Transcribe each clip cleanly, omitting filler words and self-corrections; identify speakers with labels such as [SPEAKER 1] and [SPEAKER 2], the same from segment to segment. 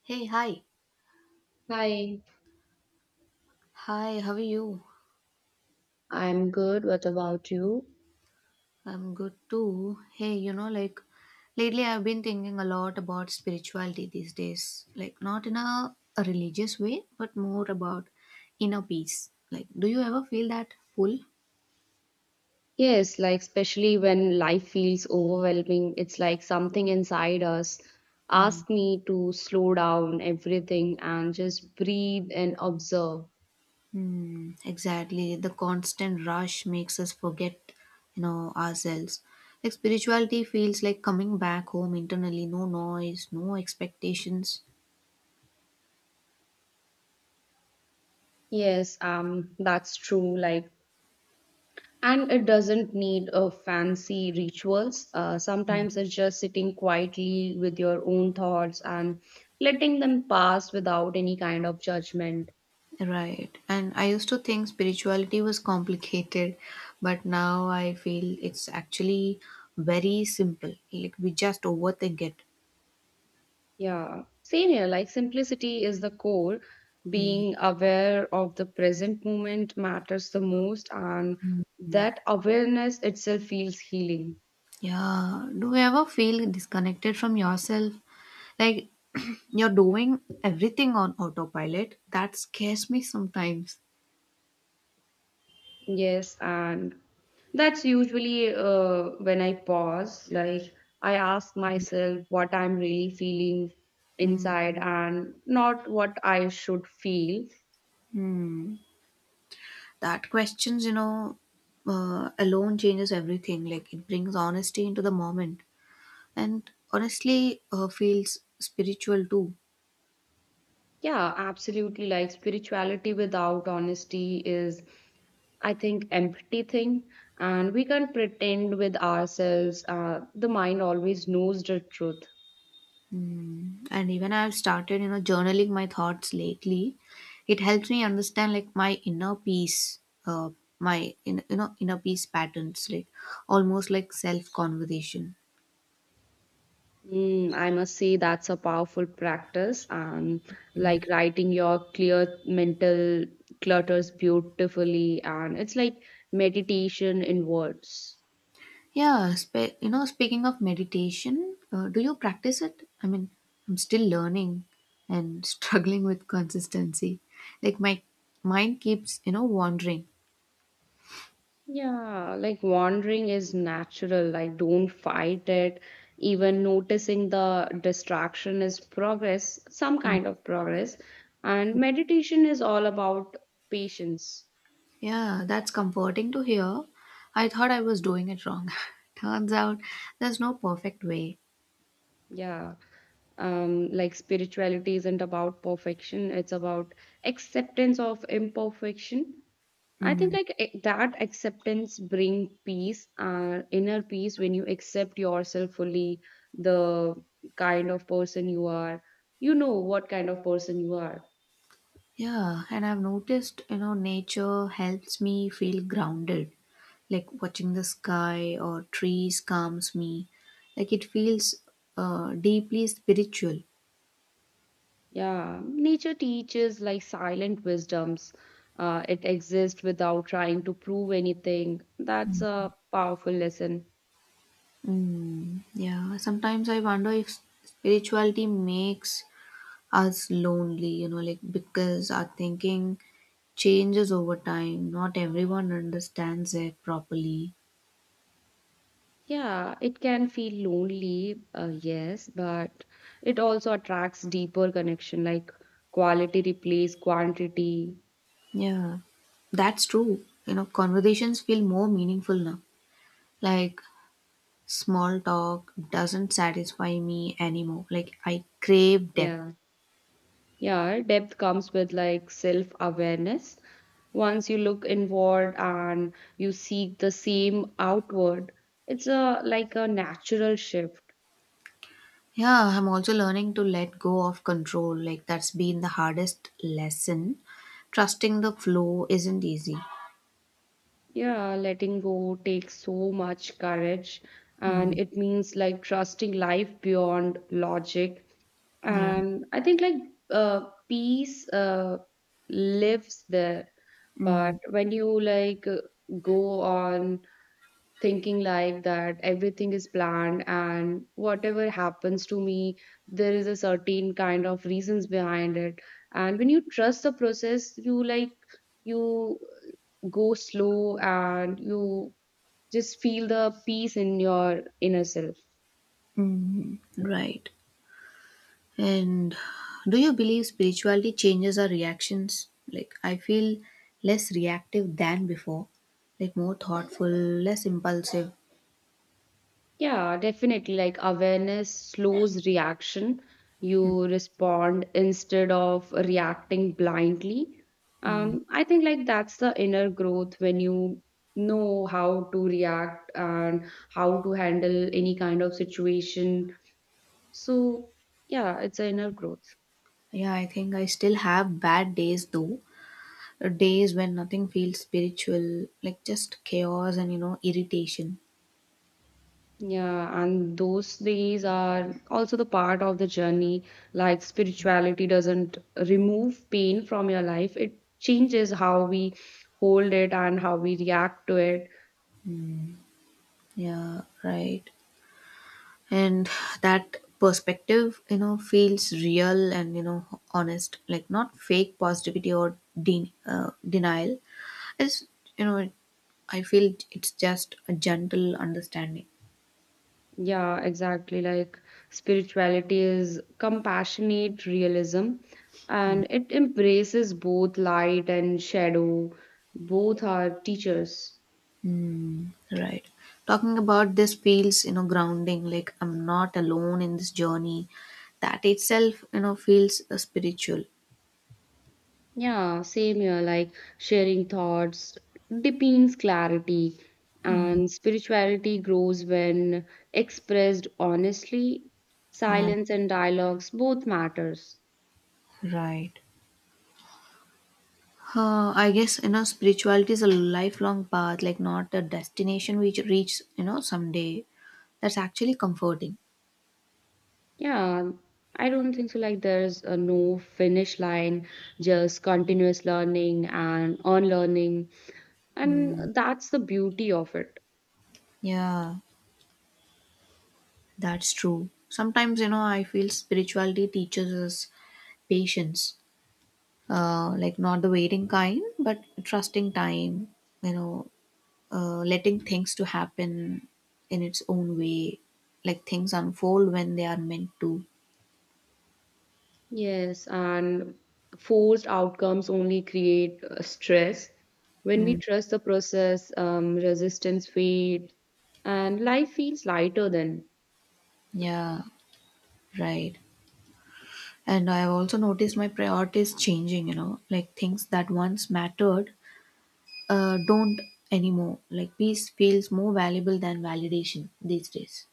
[SPEAKER 1] Hey, hi.
[SPEAKER 2] Hi,
[SPEAKER 1] Hi, how are you?
[SPEAKER 2] I'm good. What about you?
[SPEAKER 1] I'm good too. Hey, like lately I've been thinking a lot about spirituality these days. Like, not in a religious way, but more about inner peace. Like, do you ever feel that pull?
[SPEAKER 2] Yes, like especially when life feels overwhelming, it's like something inside us
[SPEAKER 1] Mm.
[SPEAKER 2] asks me to slow down everything and just breathe and observe.
[SPEAKER 1] Mm, exactly. The constant rush makes us forget, ourselves. Like, spirituality feels like coming back home internally, no noise, no expectations.
[SPEAKER 2] Yes, that's true. Like, and it doesn't need a fancy rituals. Sometimes it's just sitting quietly with your own thoughts and letting them pass without any kind of judgment.
[SPEAKER 1] Right. And I used to think spirituality was complicated, but now I feel it's actually very simple. Like we just overthink it.
[SPEAKER 2] Yeah, same here. Like simplicity is the core.
[SPEAKER 1] Mm.
[SPEAKER 2] Being aware of the present moment matters the most, and that awareness itself feels healing.
[SPEAKER 1] Yeah. Do you ever feel disconnected from yourself? Like you're doing everything on autopilot. That scares me sometimes.
[SPEAKER 2] Yes, and that's usually when I pause. Like I ask myself what I'm really feeling
[SPEAKER 1] Mm.
[SPEAKER 2] inside and not what I should feel.
[SPEAKER 1] Hmm. That questions, alone changes everything. Like it brings honesty into the moment. And honestly feels spiritual too.
[SPEAKER 2] Yeah, absolutely. Like spirituality without honesty is, I think, empty thing, and we can't pretend with ourselves. The mind always knows the truth.
[SPEAKER 1] Mm. And even I've started journaling my thoughts lately. It helps me understand like my inner peace uh, my in, you know inner peace patterns, like almost like self conversation.
[SPEAKER 2] I must say that's a powerful practice, and like writing your clear mental clutters beautifully, and it's like meditation in words.
[SPEAKER 1] Speaking of meditation, do you practice it? I mean, I'm still learning and struggling with consistency, like my mind keeps wandering.
[SPEAKER 2] Yeah, like wandering is natural, like don't fight it. Even noticing the distraction is progress, some kind of progress. And meditation is all about patience.
[SPEAKER 1] Yeah, that's comforting to hear. I thought I was doing it wrong. Turns out there's no perfect way.
[SPEAKER 2] Yeah. Like spirituality isn't about perfection, it's about acceptance of imperfection. I think
[SPEAKER 1] Mm.
[SPEAKER 2] like that acceptance bring peace, inner peace when you accept yourself fully, the kind of person you are. You know what kind of person you are.
[SPEAKER 1] Yeah, and I've noticed, you know, nature helps me feel grounded. Like watching the sky or trees calms me. Like it feels deeply spiritual.
[SPEAKER 2] Yeah, nature teaches like silent wisdoms. It exists without trying to prove anything. That's a powerful lesson.
[SPEAKER 1] Mm, yeah, sometimes I wonder if spirituality makes us lonely, you know, like because our thinking changes over time. Not everyone understands it properly.
[SPEAKER 2] Yeah, it can feel lonely, yes, but it also attracts deeper connection, like quality replace quantity.
[SPEAKER 1] Yeah, that's true. You know, conversations feel more meaningful now. Like, small talk doesn't satisfy me anymore. Like, I crave
[SPEAKER 2] Yeah.
[SPEAKER 1] depth.
[SPEAKER 2] Yeah, depth comes with like self awareness. Once you look inward and you seek the same outward, it's a like a natural shift.
[SPEAKER 1] Yeah, I'm also learning to let go of control. Like, that's been the hardest lesson. Trusting the flow isn't easy.
[SPEAKER 2] Yeah, letting go takes so much courage, and
[SPEAKER 1] Mm,
[SPEAKER 2] it means like trusting life beyond logic.
[SPEAKER 1] yeah.
[SPEAKER 2] And I think like peace lives there,
[SPEAKER 1] Mm,
[SPEAKER 2] but when you like go on thinking like that everything is planned and whatever happens to me there is a certain kind of reasons behind it, and when you trust the process you like you go slow and you just feel the peace in your inner self.
[SPEAKER 1] mm, right. And do you believe spirituality changes our reactions? Like, I feel less reactive than before, like, more thoughtful, less impulsive.
[SPEAKER 2] Yeah, definitely. Like awareness slows reaction. You respond instead of reacting blindly. I think like that's the inner growth when you know how to react and how to handle any kind of situation. So yeah, it's an inner growth.
[SPEAKER 1] Yeah, I think I still have bad days though. Days when nothing feels spiritual, like just chaos and, you know, irritation.
[SPEAKER 2] Yeah, and those days are also the part of the journey. Like spirituality doesn't remove pain from your life, it changes how we hold it and how we react to it.
[SPEAKER 1] Yeah, right. And that perspective, you know, feels real and, you know, honest, like not fake positivity or denial. It's, you know, I feel it's just a gentle understanding.
[SPEAKER 2] Yeah, exactly. Like spirituality is compassionate realism and it embraces both light and shadow. Both are teachers.
[SPEAKER 1] Hmm. Right. Talking about this feels, you know, grounding, like I'm not alone in this journey. That itself, you know, feels spiritual.
[SPEAKER 2] Yeah, same here, like sharing thoughts deepens clarity,
[SPEAKER 1] Mm.
[SPEAKER 2] and spirituality grows when expressed honestly.
[SPEAKER 1] Yeah,
[SPEAKER 2] Silence and dialogues both matters.
[SPEAKER 1] right. I guess, you know, spirituality is a lifelong path, like not a destination we reach, you know, someday. That's actually comforting.
[SPEAKER 2] Yeah, I don't think so. Like there's a no finish line, just continuous learning and unlearning, and that's the beauty of it.
[SPEAKER 1] Yeah, that's true. Sometimes, you know, I feel spirituality teaches us patience, like not the waiting kind, but trusting time. You know, letting things to happen in its own way, like things unfold when they are meant to.
[SPEAKER 2] Yes, and forced outcomes only create stress. When we
[SPEAKER 1] Mm,
[SPEAKER 2] trust the process, resistance fades, and life feels lighter then.
[SPEAKER 1] yeah, right. And I also noticed my priorities changing, you know, like things that once mattered don't anymore. Like peace feels more valuable than validation these days.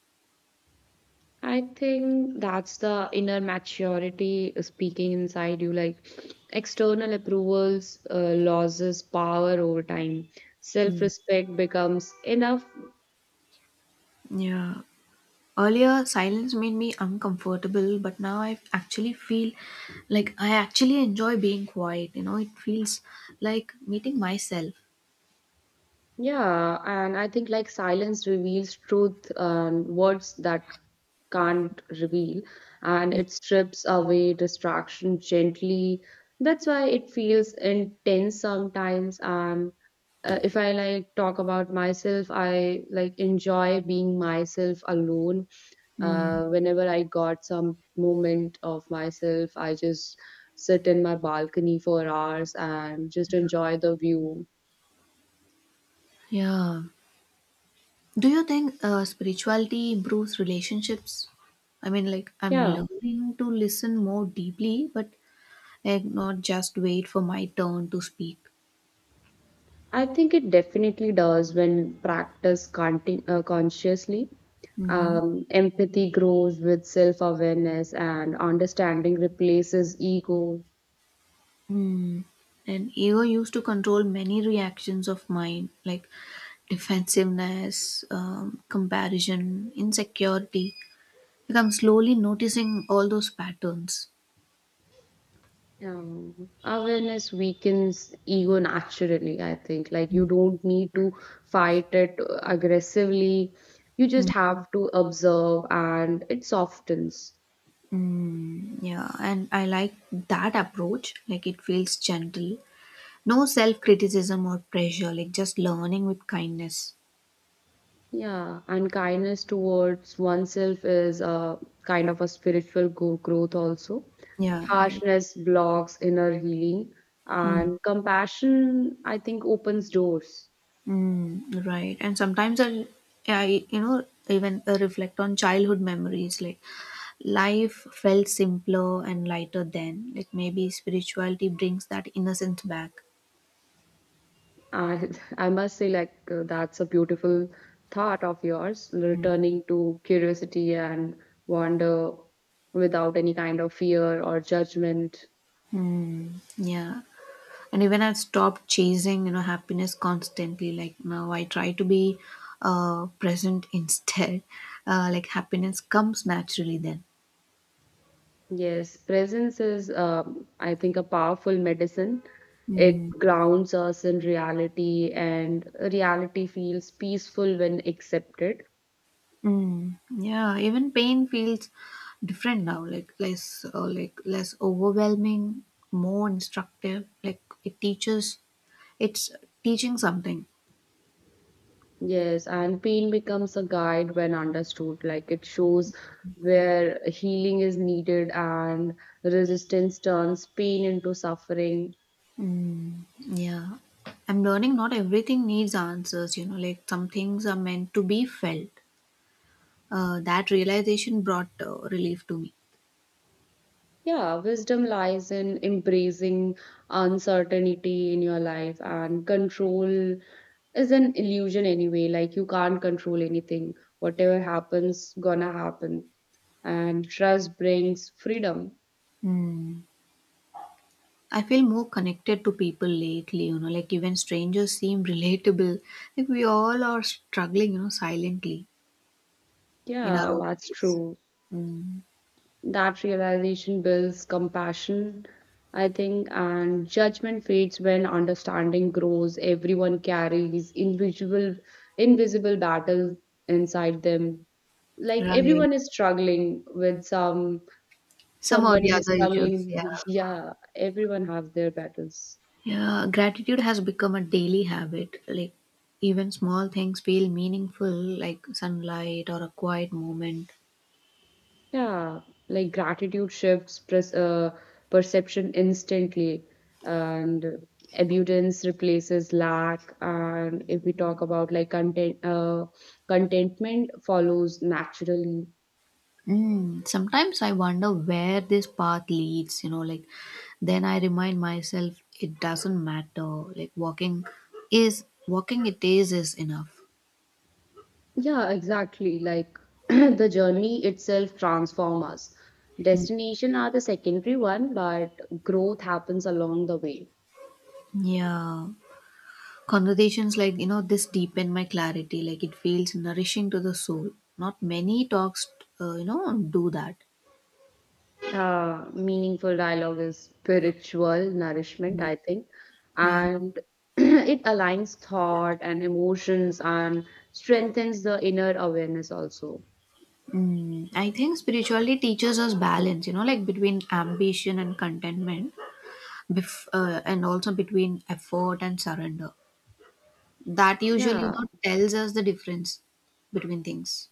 [SPEAKER 2] I think that's the inner maturity speaking inside you. Like external approvals loses power over time.
[SPEAKER 1] Mm.
[SPEAKER 2] Self-respect becomes enough.
[SPEAKER 1] Yeah. Earlier, silence made me uncomfortable, but now I actually feel like I actually enjoy being quiet. You know, it feels like meeting myself.
[SPEAKER 2] Yeah, and I think like silence reveals truth, words that can't reveal, and
[SPEAKER 1] Yeah.
[SPEAKER 2] it strips away distraction gently. That's why it feels intense sometimes. And if I like talk about myself, I like enjoy being myself alone.
[SPEAKER 1] Mm.
[SPEAKER 2] Whenever I got some moment of myself, I just sit in my balcony for hours and just enjoy the view.
[SPEAKER 1] Yeah. Do you think spirituality improves relationships? I mean, like, I'm
[SPEAKER 2] Yeah.
[SPEAKER 1] learning to listen more deeply, but like, not just wait for my turn to speak.
[SPEAKER 2] I think it definitely does when practiced consciously.
[SPEAKER 1] Mm-hmm.
[SPEAKER 2] Empathy grows with self awareness, and understanding replaces ego.
[SPEAKER 1] Hmm. Mm. And ego used to control many reactions of mine, like defensiveness, comparison, insecurity. Like, I'm slowly noticing all those patterns.
[SPEAKER 2] Awareness weakens ego naturally, I think. Like, you don't need to fight it aggressively, you just
[SPEAKER 1] Mm.
[SPEAKER 2] have to observe, and it softens.
[SPEAKER 1] Yeah, and I like that approach. Like it feels gentle. No self-criticism or pressure, like just learning with kindness.
[SPEAKER 2] Yeah, and kindness towards oneself is a kind of a spiritual growth also.
[SPEAKER 1] Yeah, right.
[SPEAKER 2] Harshness blocks inner healing,
[SPEAKER 1] Mm.
[SPEAKER 2] and compassion, I think, opens doors.
[SPEAKER 1] Mm, right. And sometimes I, you know, even reflect on childhood memories. Like life felt simpler and lighter then. Like maybe spirituality brings that innocence back.
[SPEAKER 2] And I must say, like, that's a beautiful thought of yours, returning to curiosity and wonder without any kind of fear or judgment.
[SPEAKER 1] Yeah. And even I've stopped chasing, you know, happiness constantly. Like now I try to be present instead. Like happiness comes naturally then.
[SPEAKER 2] Yes, presence is, I think, a powerful medicine. It
[SPEAKER 1] Mm.
[SPEAKER 2] grounds us in reality, and reality feels peaceful when accepted.
[SPEAKER 1] Mm, yeah, even pain feels different now, like less overwhelming, more instructive. Like it teaches, it's teaching something.
[SPEAKER 2] Yes, and pain becomes a guide when understood. Like it shows where healing is needed, and resistance turns pain into suffering.
[SPEAKER 1] Mm, yeah, I'm learning not everything needs answers. You know, like some things are meant to be felt. That realization brought relief to me.
[SPEAKER 2] Yeah, wisdom lies in embracing uncertainty in your life, and control is an illusion anyway. Like, you can't control anything. Whatever happens, gonna happen. And trust brings freedom.
[SPEAKER 1] Mm. I feel more connected to people lately, you know, like even strangers seem relatable. Like we all are struggling, you know, silently in our
[SPEAKER 2] Yeah, that's
[SPEAKER 1] office.
[SPEAKER 2] true.
[SPEAKER 1] Mm.
[SPEAKER 2] That realization builds compassion, I think, and judgment fades when understanding grows. Everyone carries invisible battles inside them. Like
[SPEAKER 1] Right.
[SPEAKER 2] everyone is struggling with
[SPEAKER 1] Some or the
[SPEAKER 2] somebody is
[SPEAKER 1] other issues.
[SPEAKER 2] struggling.
[SPEAKER 1] Yeah.
[SPEAKER 2] Yeah, everyone have their battles.
[SPEAKER 1] Yeah. Gratitude has become a daily habit. Like even small things feel meaningful, like sunlight or a quiet moment.
[SPEAKER 2] Yeah, like gratitude shifts pres perception instantly, and abundance replaces lack. And if we talk about like contentment follows naturally.
[SPEAKER 1] Mm, sometimes I wonder where this path leads, you know, like then I remind myself it doesn't matter. Like walking is walking, it is enough.
[SPEAKER 2] Yeah, exactly. Like the journey itself transforms us.
[SPEAKER 1] Mm.
[SPEAKER 2] Destination are the secondary one, but growth happens along the way.
[SPEAKER 1] Yeah. Conversations like, you know, this deepen my clarity, like it feels nourishing to the soul. Not many talks, do that.
[SPEAKER 2] Meaningful dialogue is spiritual nourishment, I think,
[SPEAKER 1] Yeah.
[SPEAKER 2] and it aligns thought and emotions and strengthens the inner awareness also.
[SPEAKER 1] Mm, I think spirituality teaches us balance, you know, like between ambition and contentment, and also between effort and surrender. That usually, you
[SPEAKER 2] Yeah,
[SPEAKER 1] know, tells us the difference between things.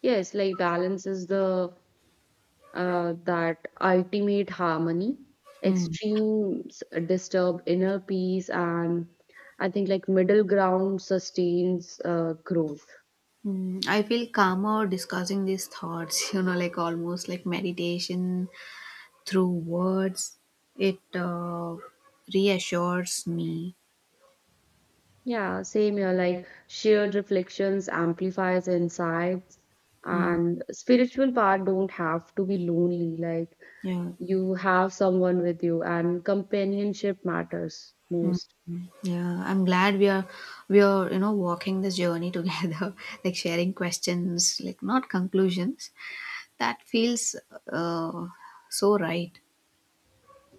[SPEAKER 2] yes, like balance is the that ultimate harmony.
[SPEAKER 1] Mm.
[SPEAKER 2] Extremes disturb inner peace, and I think like middle ground sustains growth.
[SPEAKER 1] Mm, I feel calmer discussing these thoughts, you know, like almost like meditation through words. It reassures me.
[SPEAKER 2] Yeah, same here. Like shared reflections, amplifies insights,
[SPEAKER 1] Mm,
[SPEAKER 2] and spiritual part don't have to be lonely. Like
[SPEAKER 1] yeah,
[SPEAKER 2] you have someone with you, and companionship matters most.
[SPEAKER 1] yeah. I'm glad we are you know walking this journey together, like sharing questions, like not conclusions. That feels uh, so right.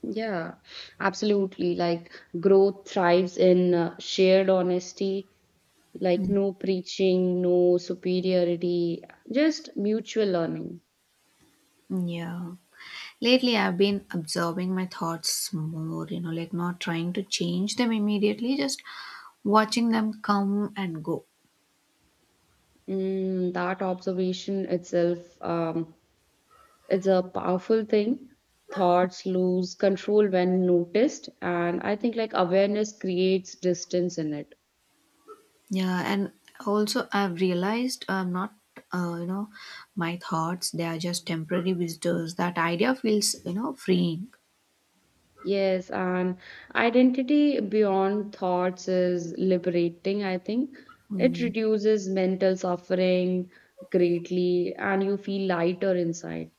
[SPEAKER 2] Yeah, absolutely. Like growth thrives in shared honesty, like no preaching, no superiority, just mutual learning.
[SPEAKER 1] Yeah. Lately, I've been absorbing my thoughts more, you know, like not trying to change them immediately, just watching them come and go.
[SPEAKER 2] That observation itself, it's a powerful thing. Thoughts lose control when noticed, and I think like awareness creates distance in it.
[SPEAKER 1] Yeah, and also I've realized I'm not, you know, my thoughts, they are just temporary visitors. That idea feels, you know, freeing.
[SPEAKER 2] Yes, and identity beyond thoughts is liberating, I think. It
[SPEAKER 1] Mm.
[SPEAKER 2] reduces mental suffering greatly, and you feel lighter inside.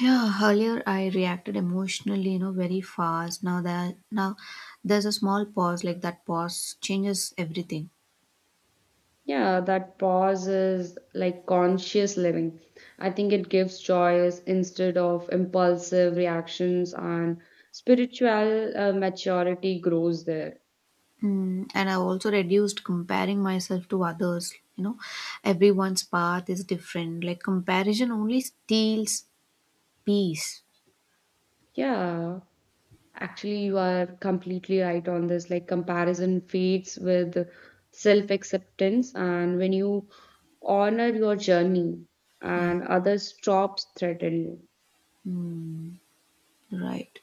[SPEAKER 1] Yeah, earlier I reacted emotionally, you know, very fast. Now there's a small pause, like that pause changes everything.
[SPEAKER 2] Yeah, that pause is like conscious living. I think it gives choice instead of impulsive reactions, and spiritual maturity grows there.
[SPEAKER 1] Mm, and I also reduced comparing myself to others. You know, everyone's path is different. Like comparison only steals peace.
[SPEAKER 2] Yeah, actually, you are completely right on this. Like, comparison fades with self acceptance, and when you honor your journey,
[SPEAKER 1] Yeah,
[SPEAKER 2] and others stops threatening you.
[SPEAKER 1] Mm, right.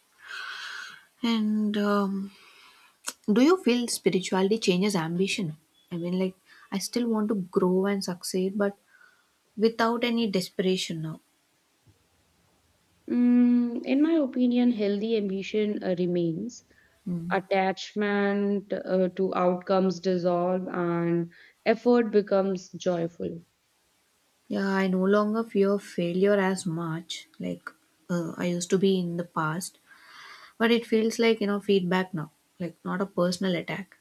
[SPEAKER 1] And do you feel spirituality changes ambition? I mean, like, I still want to grow and succeed, but without any desperation now.
[SPEAKER 2] In my opinion, healthy ambition remains.
[SPEAKER 1] Mm.
[SPEAKER 2] Attachment to outcomes dissolve and effort becomes joyful.
[SPEAKER 1] Yeah, I no longer fear failure as much, like I used to be in the past, but it feels like, you know, feedback now, like not a personal attack.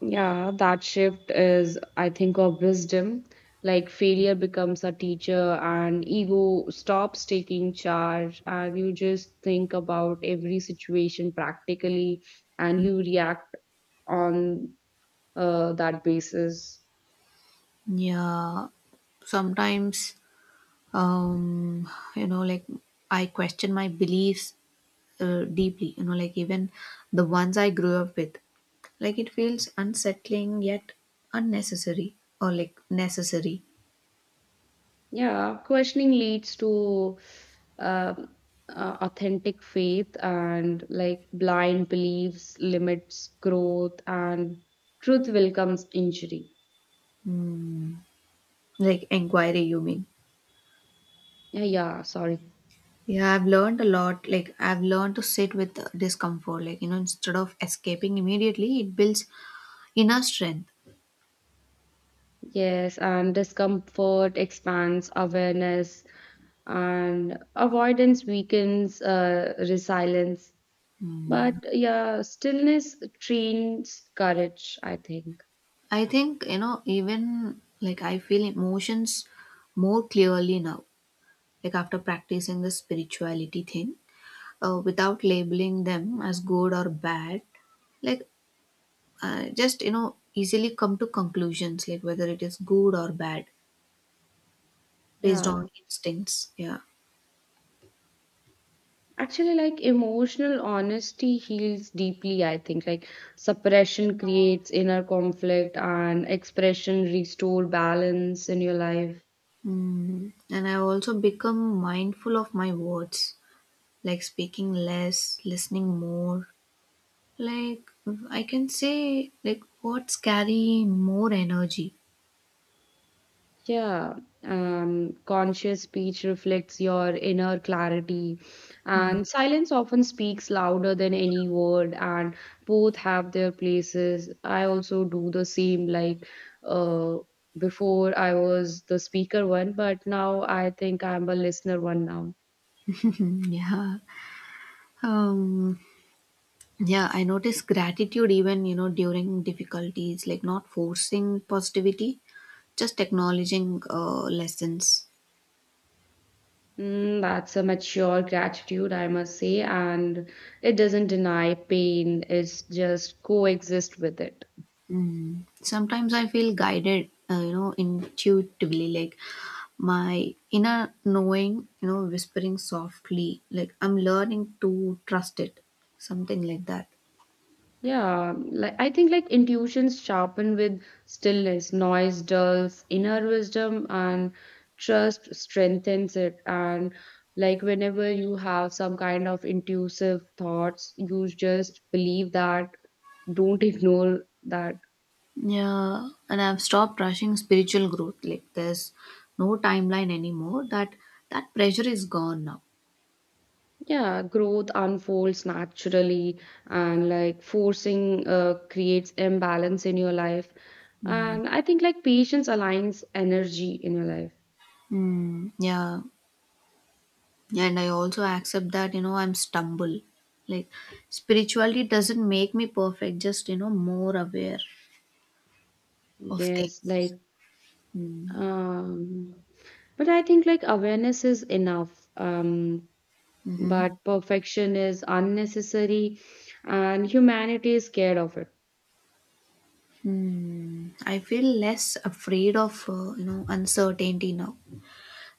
[SPEAKER 2] Yeah, that shift is, I think, of wisdom. Like failure becomes a teacher, and ego stops taking charge, and you just think about every situation practically, and you react on that basis.
[SPEAKER 1] Yeah, sometimes, um, you know, like I question my beliefs deeply, you know, like even the ones I grew up with. Like it feels unsettling yet unnecessary or like necessary.
[SPEAKER 2] Yeah, questioning leads to um, authentic faith and like blind beliefs limits growth and truth will comes injury.
[SPEAKER 1] Mm, like inquiry you mean.
[SPEAKER 2] Yeah, yeah, sorry.
[SPEAKER 1] Yeah, I've learned a lot. Like I've learned to sit with discomfort, like, you know, instead of escaping immediately, it builds inner strength.
[SPEAKER 2] Yes, and discomfort expands awareness and avoidance weakens resilience. But yeah, stillness trains courage, I think.
[SPEAKER 1] I think, you know, even like I feel emotions more clearly now, like after practicing the spirituality thing, without labeling them as good or bad, like just, you know, easily come to conclusions like whether it is good or bad based on
[SPEAKER 2] Yeah.
[SPEAKER 1] instincts, yeah.
[SPEAKER 2] Actually, like emotional honesty heals deeply, I think. Like suppression creates inner conflict and expression restore balance in your life.
[SPEAKER 1] Mm. And I've also become mindful of my words, like speaking less, listening more. Like I can say like words carry more energy.
[SPEAKER 2] Yeah. Conscious speech reflects your inner clarity, and silence often speaks louder than any word, and both have their places. I also do the same, like uh before I was the speaker one, but now I think I'm a listener one now.
[SPEAKER 1] Mhm, yeah. Um, yeah, I notice gratitude even, you know, during difficulties, like not forcing positivity, just acknowledging lessons.
[SPEAKER 2] That's a mature gratitude, I must say, and it doesn't deny pain, it's just coexist with it.
[SPEAKER 1] Mm. Sometimes I feel guided, you know, intuitively, like my inner knowing, you know, whispering softly, like I'm learning to trust it, something like that.
[SPEAKER 2] Yeah, like I think like intuitions sharpen with stillness, noise dulls inner wisdom, and trust strengthens it. And like whenever you have some kind of intuitive thoughts, you just believe that, don't ignore that.
[SPEAKER 1] Yeah, and I've stopped rushing spiritual growth. Like there's no timeline anymore. That pressure is gone now.
[SPEAKER 2] Yeah, growth unfolds naturally, and like forcing creates imbalance in your life.
[SPEAKER 1] Hmm.
[SPEAKER 2] And I think like patience aligns energy in your life.
[SPEAKER 1] Mm, yeah. Yeah. And I also accept that, you know, I'm stumble. Like spirituality doesn't make me perfect, just, you know, more aware of
[SPEAKER 2] Yes,
[SPEAKER 1] things.
[SPEAKER 2] like
[SPEAKER 1] Mm,
[SPEAKER 2] um, but I think like awareness is enough.
[SPEAKER 1] mm-hmm.
[SPEAKER 2] But perfection is unnecessary, and humanity is scared of it.
[SPEAKER 1] Mm. I feel less afraid of, you know, uncertainty now.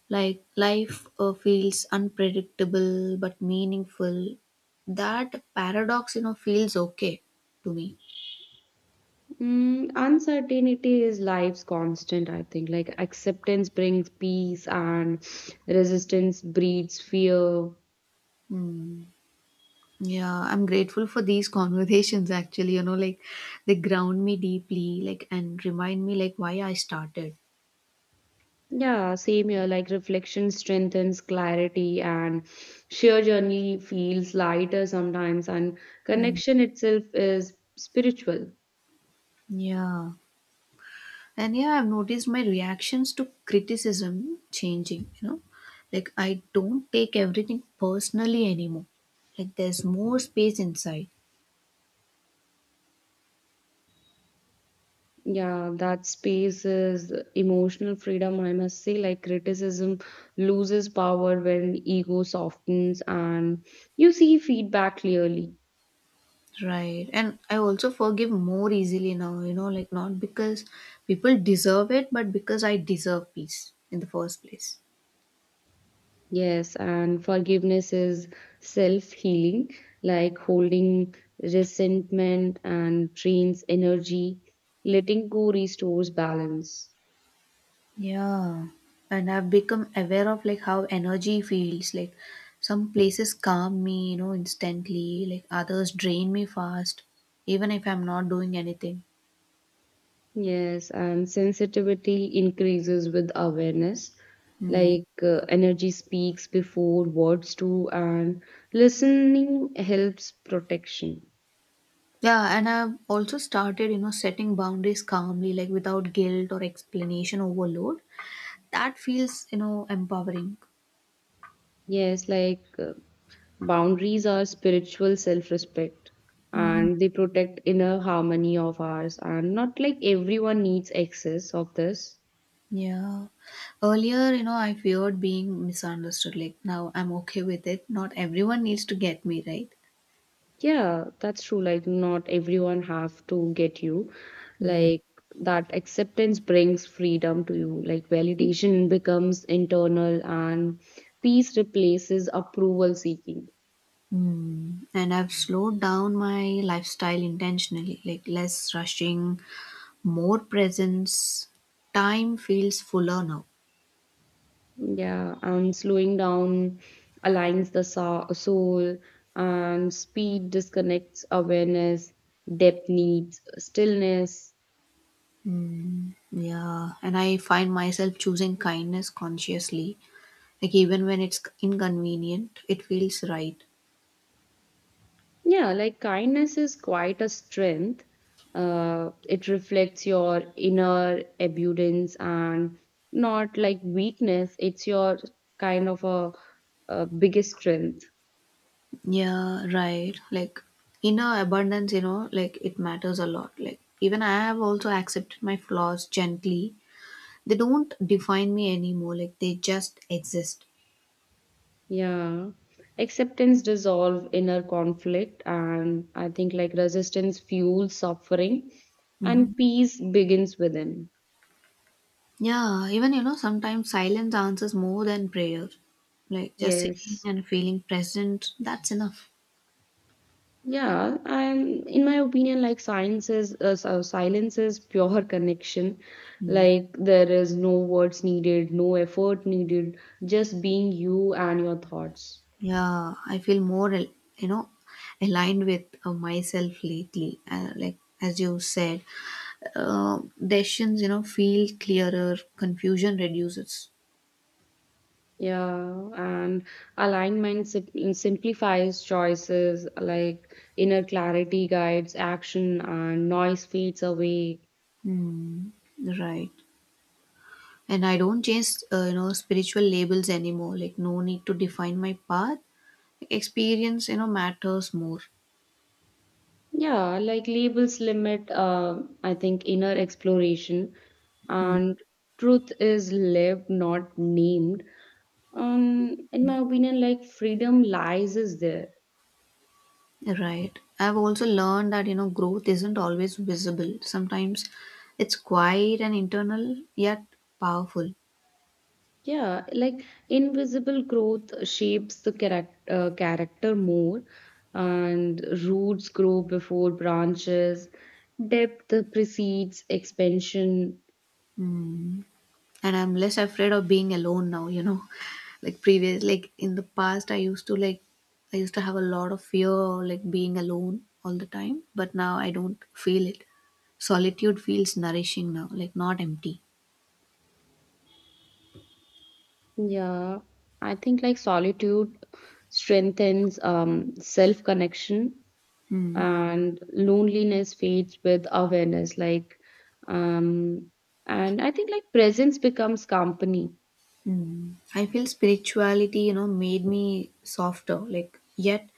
[SPEAKER 1] Like life feels unpredictable but meaningful. That paradox, you know, feels okay to me.
[SPEAKER 2] Uncertainty is life's constant, I think. Like acceptance brings peace and resistance breeds fear.
[SPEAKER 1] Hmm. Yeah, I'm grateful for these conversations actually, you know, like they ground me deeply, like and remind me like why I started.
[SPEAKER 2] Yeah, same here. Like reflection strengthens clarity and sheer journey feels lighter sometimes, and
[SPEAKER 1] Mm.
[SPEAKER 2] connection itself is spiritual.
[SPEAKER 1] Yeah. And yeah, I've noticed my reactions to criticism changing, you know. Like I don't take everything personally anymore. Like there's more space inside.
[SPEAKER 2] Yeah, that space is emotional freedom, I must say. Like criticism loses power when ego softens and you see feedback clearly.
[SPEAKER 1] Right. And I also forgive more easily now, you know, like not because people deserve it, but because I deserve peace in the first place.
[SPEAKER 2] Yes, and forgiveness is self healing, like holding resentment and drains energy. Letting go restores balance.
[SPEAKER 1] Yeah, and I've become aware of like how energy feels. Like some places calm me, you know, instantly. Like others drain me fast, even if I'm not doing anything.
[SPEAKER 2] Yes, and sensitivity increases with awareness.
[SPEAKER 1] Hmm.
[SPEAKER 2] Like energy speaks before words do, and listening helps protection.
[SPEAKER 1] Yeah, and I've also started, you know, setting boundaries calmly, like without guilt or explanation overload. That feels, you know, empowering.
[SPEAKER 2] Yes, like boundaries are spiritual self respect
[SPEAKER 1] Mm.
[SPEAKER 2] and they protect inner harmony of ours, and not like everyone needs access of this.
[SPEAKER 1] Yeah. Earlier, you know, I feared being misunderstood. Like now I'm okay with it. Not everyone needs to get me, right?
[SPEAKER 2] Yeah, that's true. Like, not everyone have to get you.
[SPEAKER 1] Hmm.
[SPEAKER 2] Like, that acceptance brings freedom to you. Like, validation becomes internal, and peace replaces approval seeking.
[SPEAKER 1] Mm. And I've slowed down my lifestyle intentionally, like less rushing, more presence. Time feels fuller now.
[SPEAKER 2] Yeah, and slowing down aligns the soul, and speed disconnects awareness, depth needs stillness.
[SPEAKER 1] Mm. Yeah, and I find myself choosing kindness consciously, like even when it's inconvenient, it feels right.
[SPEAKER 2] Yeah, like kindness is quite a strength. It reflects your inner abundance and not like weakness, it's your kind of a biggest strength.
[SPEAKER 1] Yeah, right. Like inner abundance, you know, like it matters a lot. Like even I have also accepted my flaws gently. They don't define me anymore, like they just exist.
[SPEAKER 2] Yeah, acceptance dissolve inner conflict, and I think like resistance fuels suffering,
[SPEAKER 1] Mm.
[SPEAKER 2] and peace begins within.
[SPEAKER 1] Yeah, even, you know, sometimes silence answers more than prayer. Like just sitting
[SPEAKER 2] Yes.
[SPEAKER 1] and feeling present, that's enough.
[SPEAKER 2] Yeah, I'm in my opinion, like silence is pure connection.
[SPEAKER 1] Mm.
[SPEAKER 2] Like there is no words needed, no effort needed, just being you and your thoughts.
[SPEAKER 1] Yeah, I feel more, you know, aligned with myself lately. Like as you said, decisions, you know, feel clearer, confusion reduces.
[SPEAKER 2] Yeah, and alignment simplifies choices like inner clarity guides action and noise fades away.
[SPEAKER 1] Hmm. Right. And I don't change, you know, spiritual labels anymore. Like no need to define my path. Experience, you know, matters more.
[SPEAKER 2] Yeah, like labels limit, I think, inner exploration and truth is lived, not named. In my opinion, like freedom lies is there.
[SPEAKER 1] Right. I've also learned that, you know, growth isn't always visible. Sometimes it's quiet and internal, yet powerful.
[SPEAKER 2] Yeah, like invisible growth shapes the character more, and roots grow before branches. Depth precedes expansion.
[SPEAKER 1] Mm. And I'm less afraid of being alone now, you know. Like previous, like in the past, I used to have a lot of fear like being alone all the time, but now I don't feel it. Solitude feels nourishing now, like not empty.
[SPEAKER 2] Yeah, I think like solitude strengthens self connection,
[SPEAKER 1] Mm.
[SPEAKER 2] and loneliness fades with awareness. Like, um, and I think like presence becomes company.
[SPEAKER 1] Mm. I feel spirituality, you know, made me softer, like, yet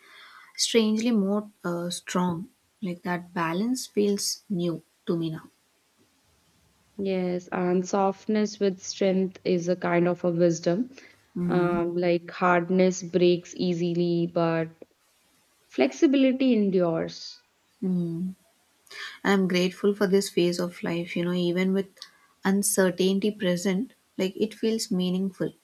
[SPEAKER 1] strangely more strong. Like that balance feels new to me now.
[SPEAKER 2] Yes, and softness with strength is a kind of a wisdom.
[SPEAKER 1] Mm,
[SPEAKER 2] Like hardness breaks easily, but flexibility endures.
[SPEAKER 1] mm. I'm grateful for this phase of life, you know, even with uncertainty present, like it feels meaningful.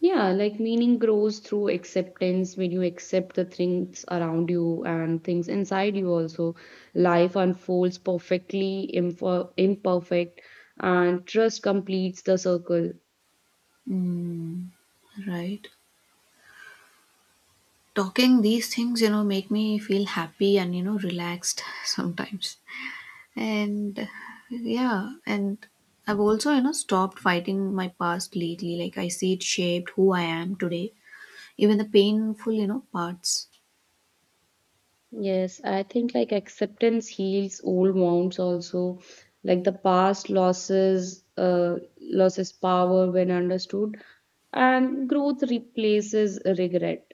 [SPEAKER 2] Yeah, like meaning grows through acceptance when you accept the things around you and things inside you also. Life unfolds perfectly, imperfect, and trust completes the circle.
[SPEAKER 1] Right. Talking these things, you know, make me feel happy and, you know, relaxed sometimes. And yeah, and I've also, you know, stopped fighting my past lately. Like I see it shaped who I am today, even the painful, you know, parts.
[SPEAKER 2] Yes, I think like acceptance heals old wounds also. Like the past losses, loses power when understood, and growth replaces regret.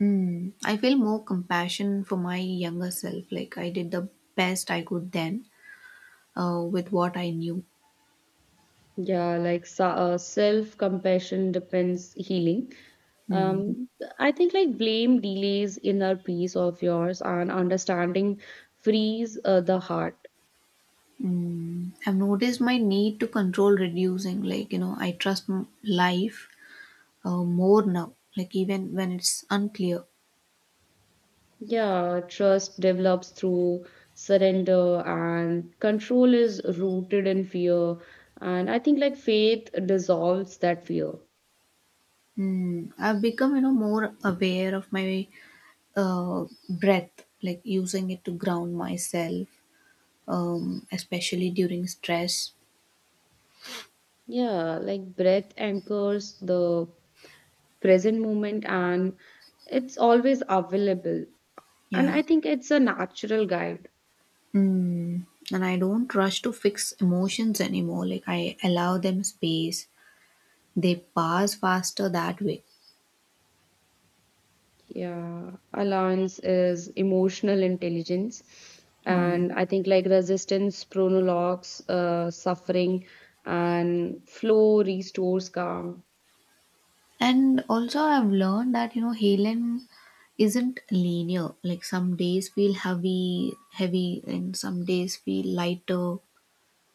[SPEAKER 1] Hmm. I feel more compassion for my younger self. Like I did the best I could then with what I knew.
[SPEAKER 2] Yeah, like self-compassion depends healing.
[SPEAKER 1] Hmm.
[SPEAKER 2] Um, I think like blame delays inner peace of yours, and understanding frees the heart.
[SPEAKER 1] Hmm. I've noticed my need to control reducing. Like, you know, I trust life more now, like even when it's unclear.
[SPEAKER 2] Yeah, trust develops through surrender, and control is rooted in fear. And I think like faith dissolves that fear.
[SPEAKER 1] Hmm. I've become, you know, more aware of my breath, like using it to ground myself, especially during stress.
[SPEAKER 2] Yeah, like breath anchors the present moment and it's always available. And
[SPEAKER 1] Yeah.
[SPEAKER 2] I think it's a natural guide.
[SPEAKER 1] Mm. And I don't rush to fix emotions anymore. Like I allow them space. They pass faster that way.
[SPEAKER 2] Yeah, allowance is emotional intelligence.
[SPEAKER 1] Mm.
[SPEAKER 2] And I think like resistance prologues suffering and flow restores calm.
[SPEAKER 1] And also I've learned that, you know, healing isn't linear. Like some days feel heavy, and some days feel lighter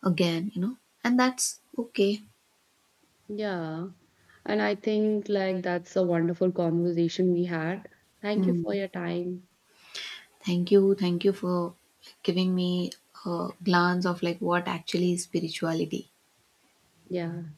[SPEAKER 1] again. You know, and that's okay.
[SPEAKER 2] Yeah. And I think like that's a wonderful conversation we had. Thank you
[SPEAKER 1] Mm.
[SPEAKER 2] for your time.
[SPEAKER 1] Thank you for giving me a glance of like what actually is spirituality.
[SPEAKER 2] Yeah.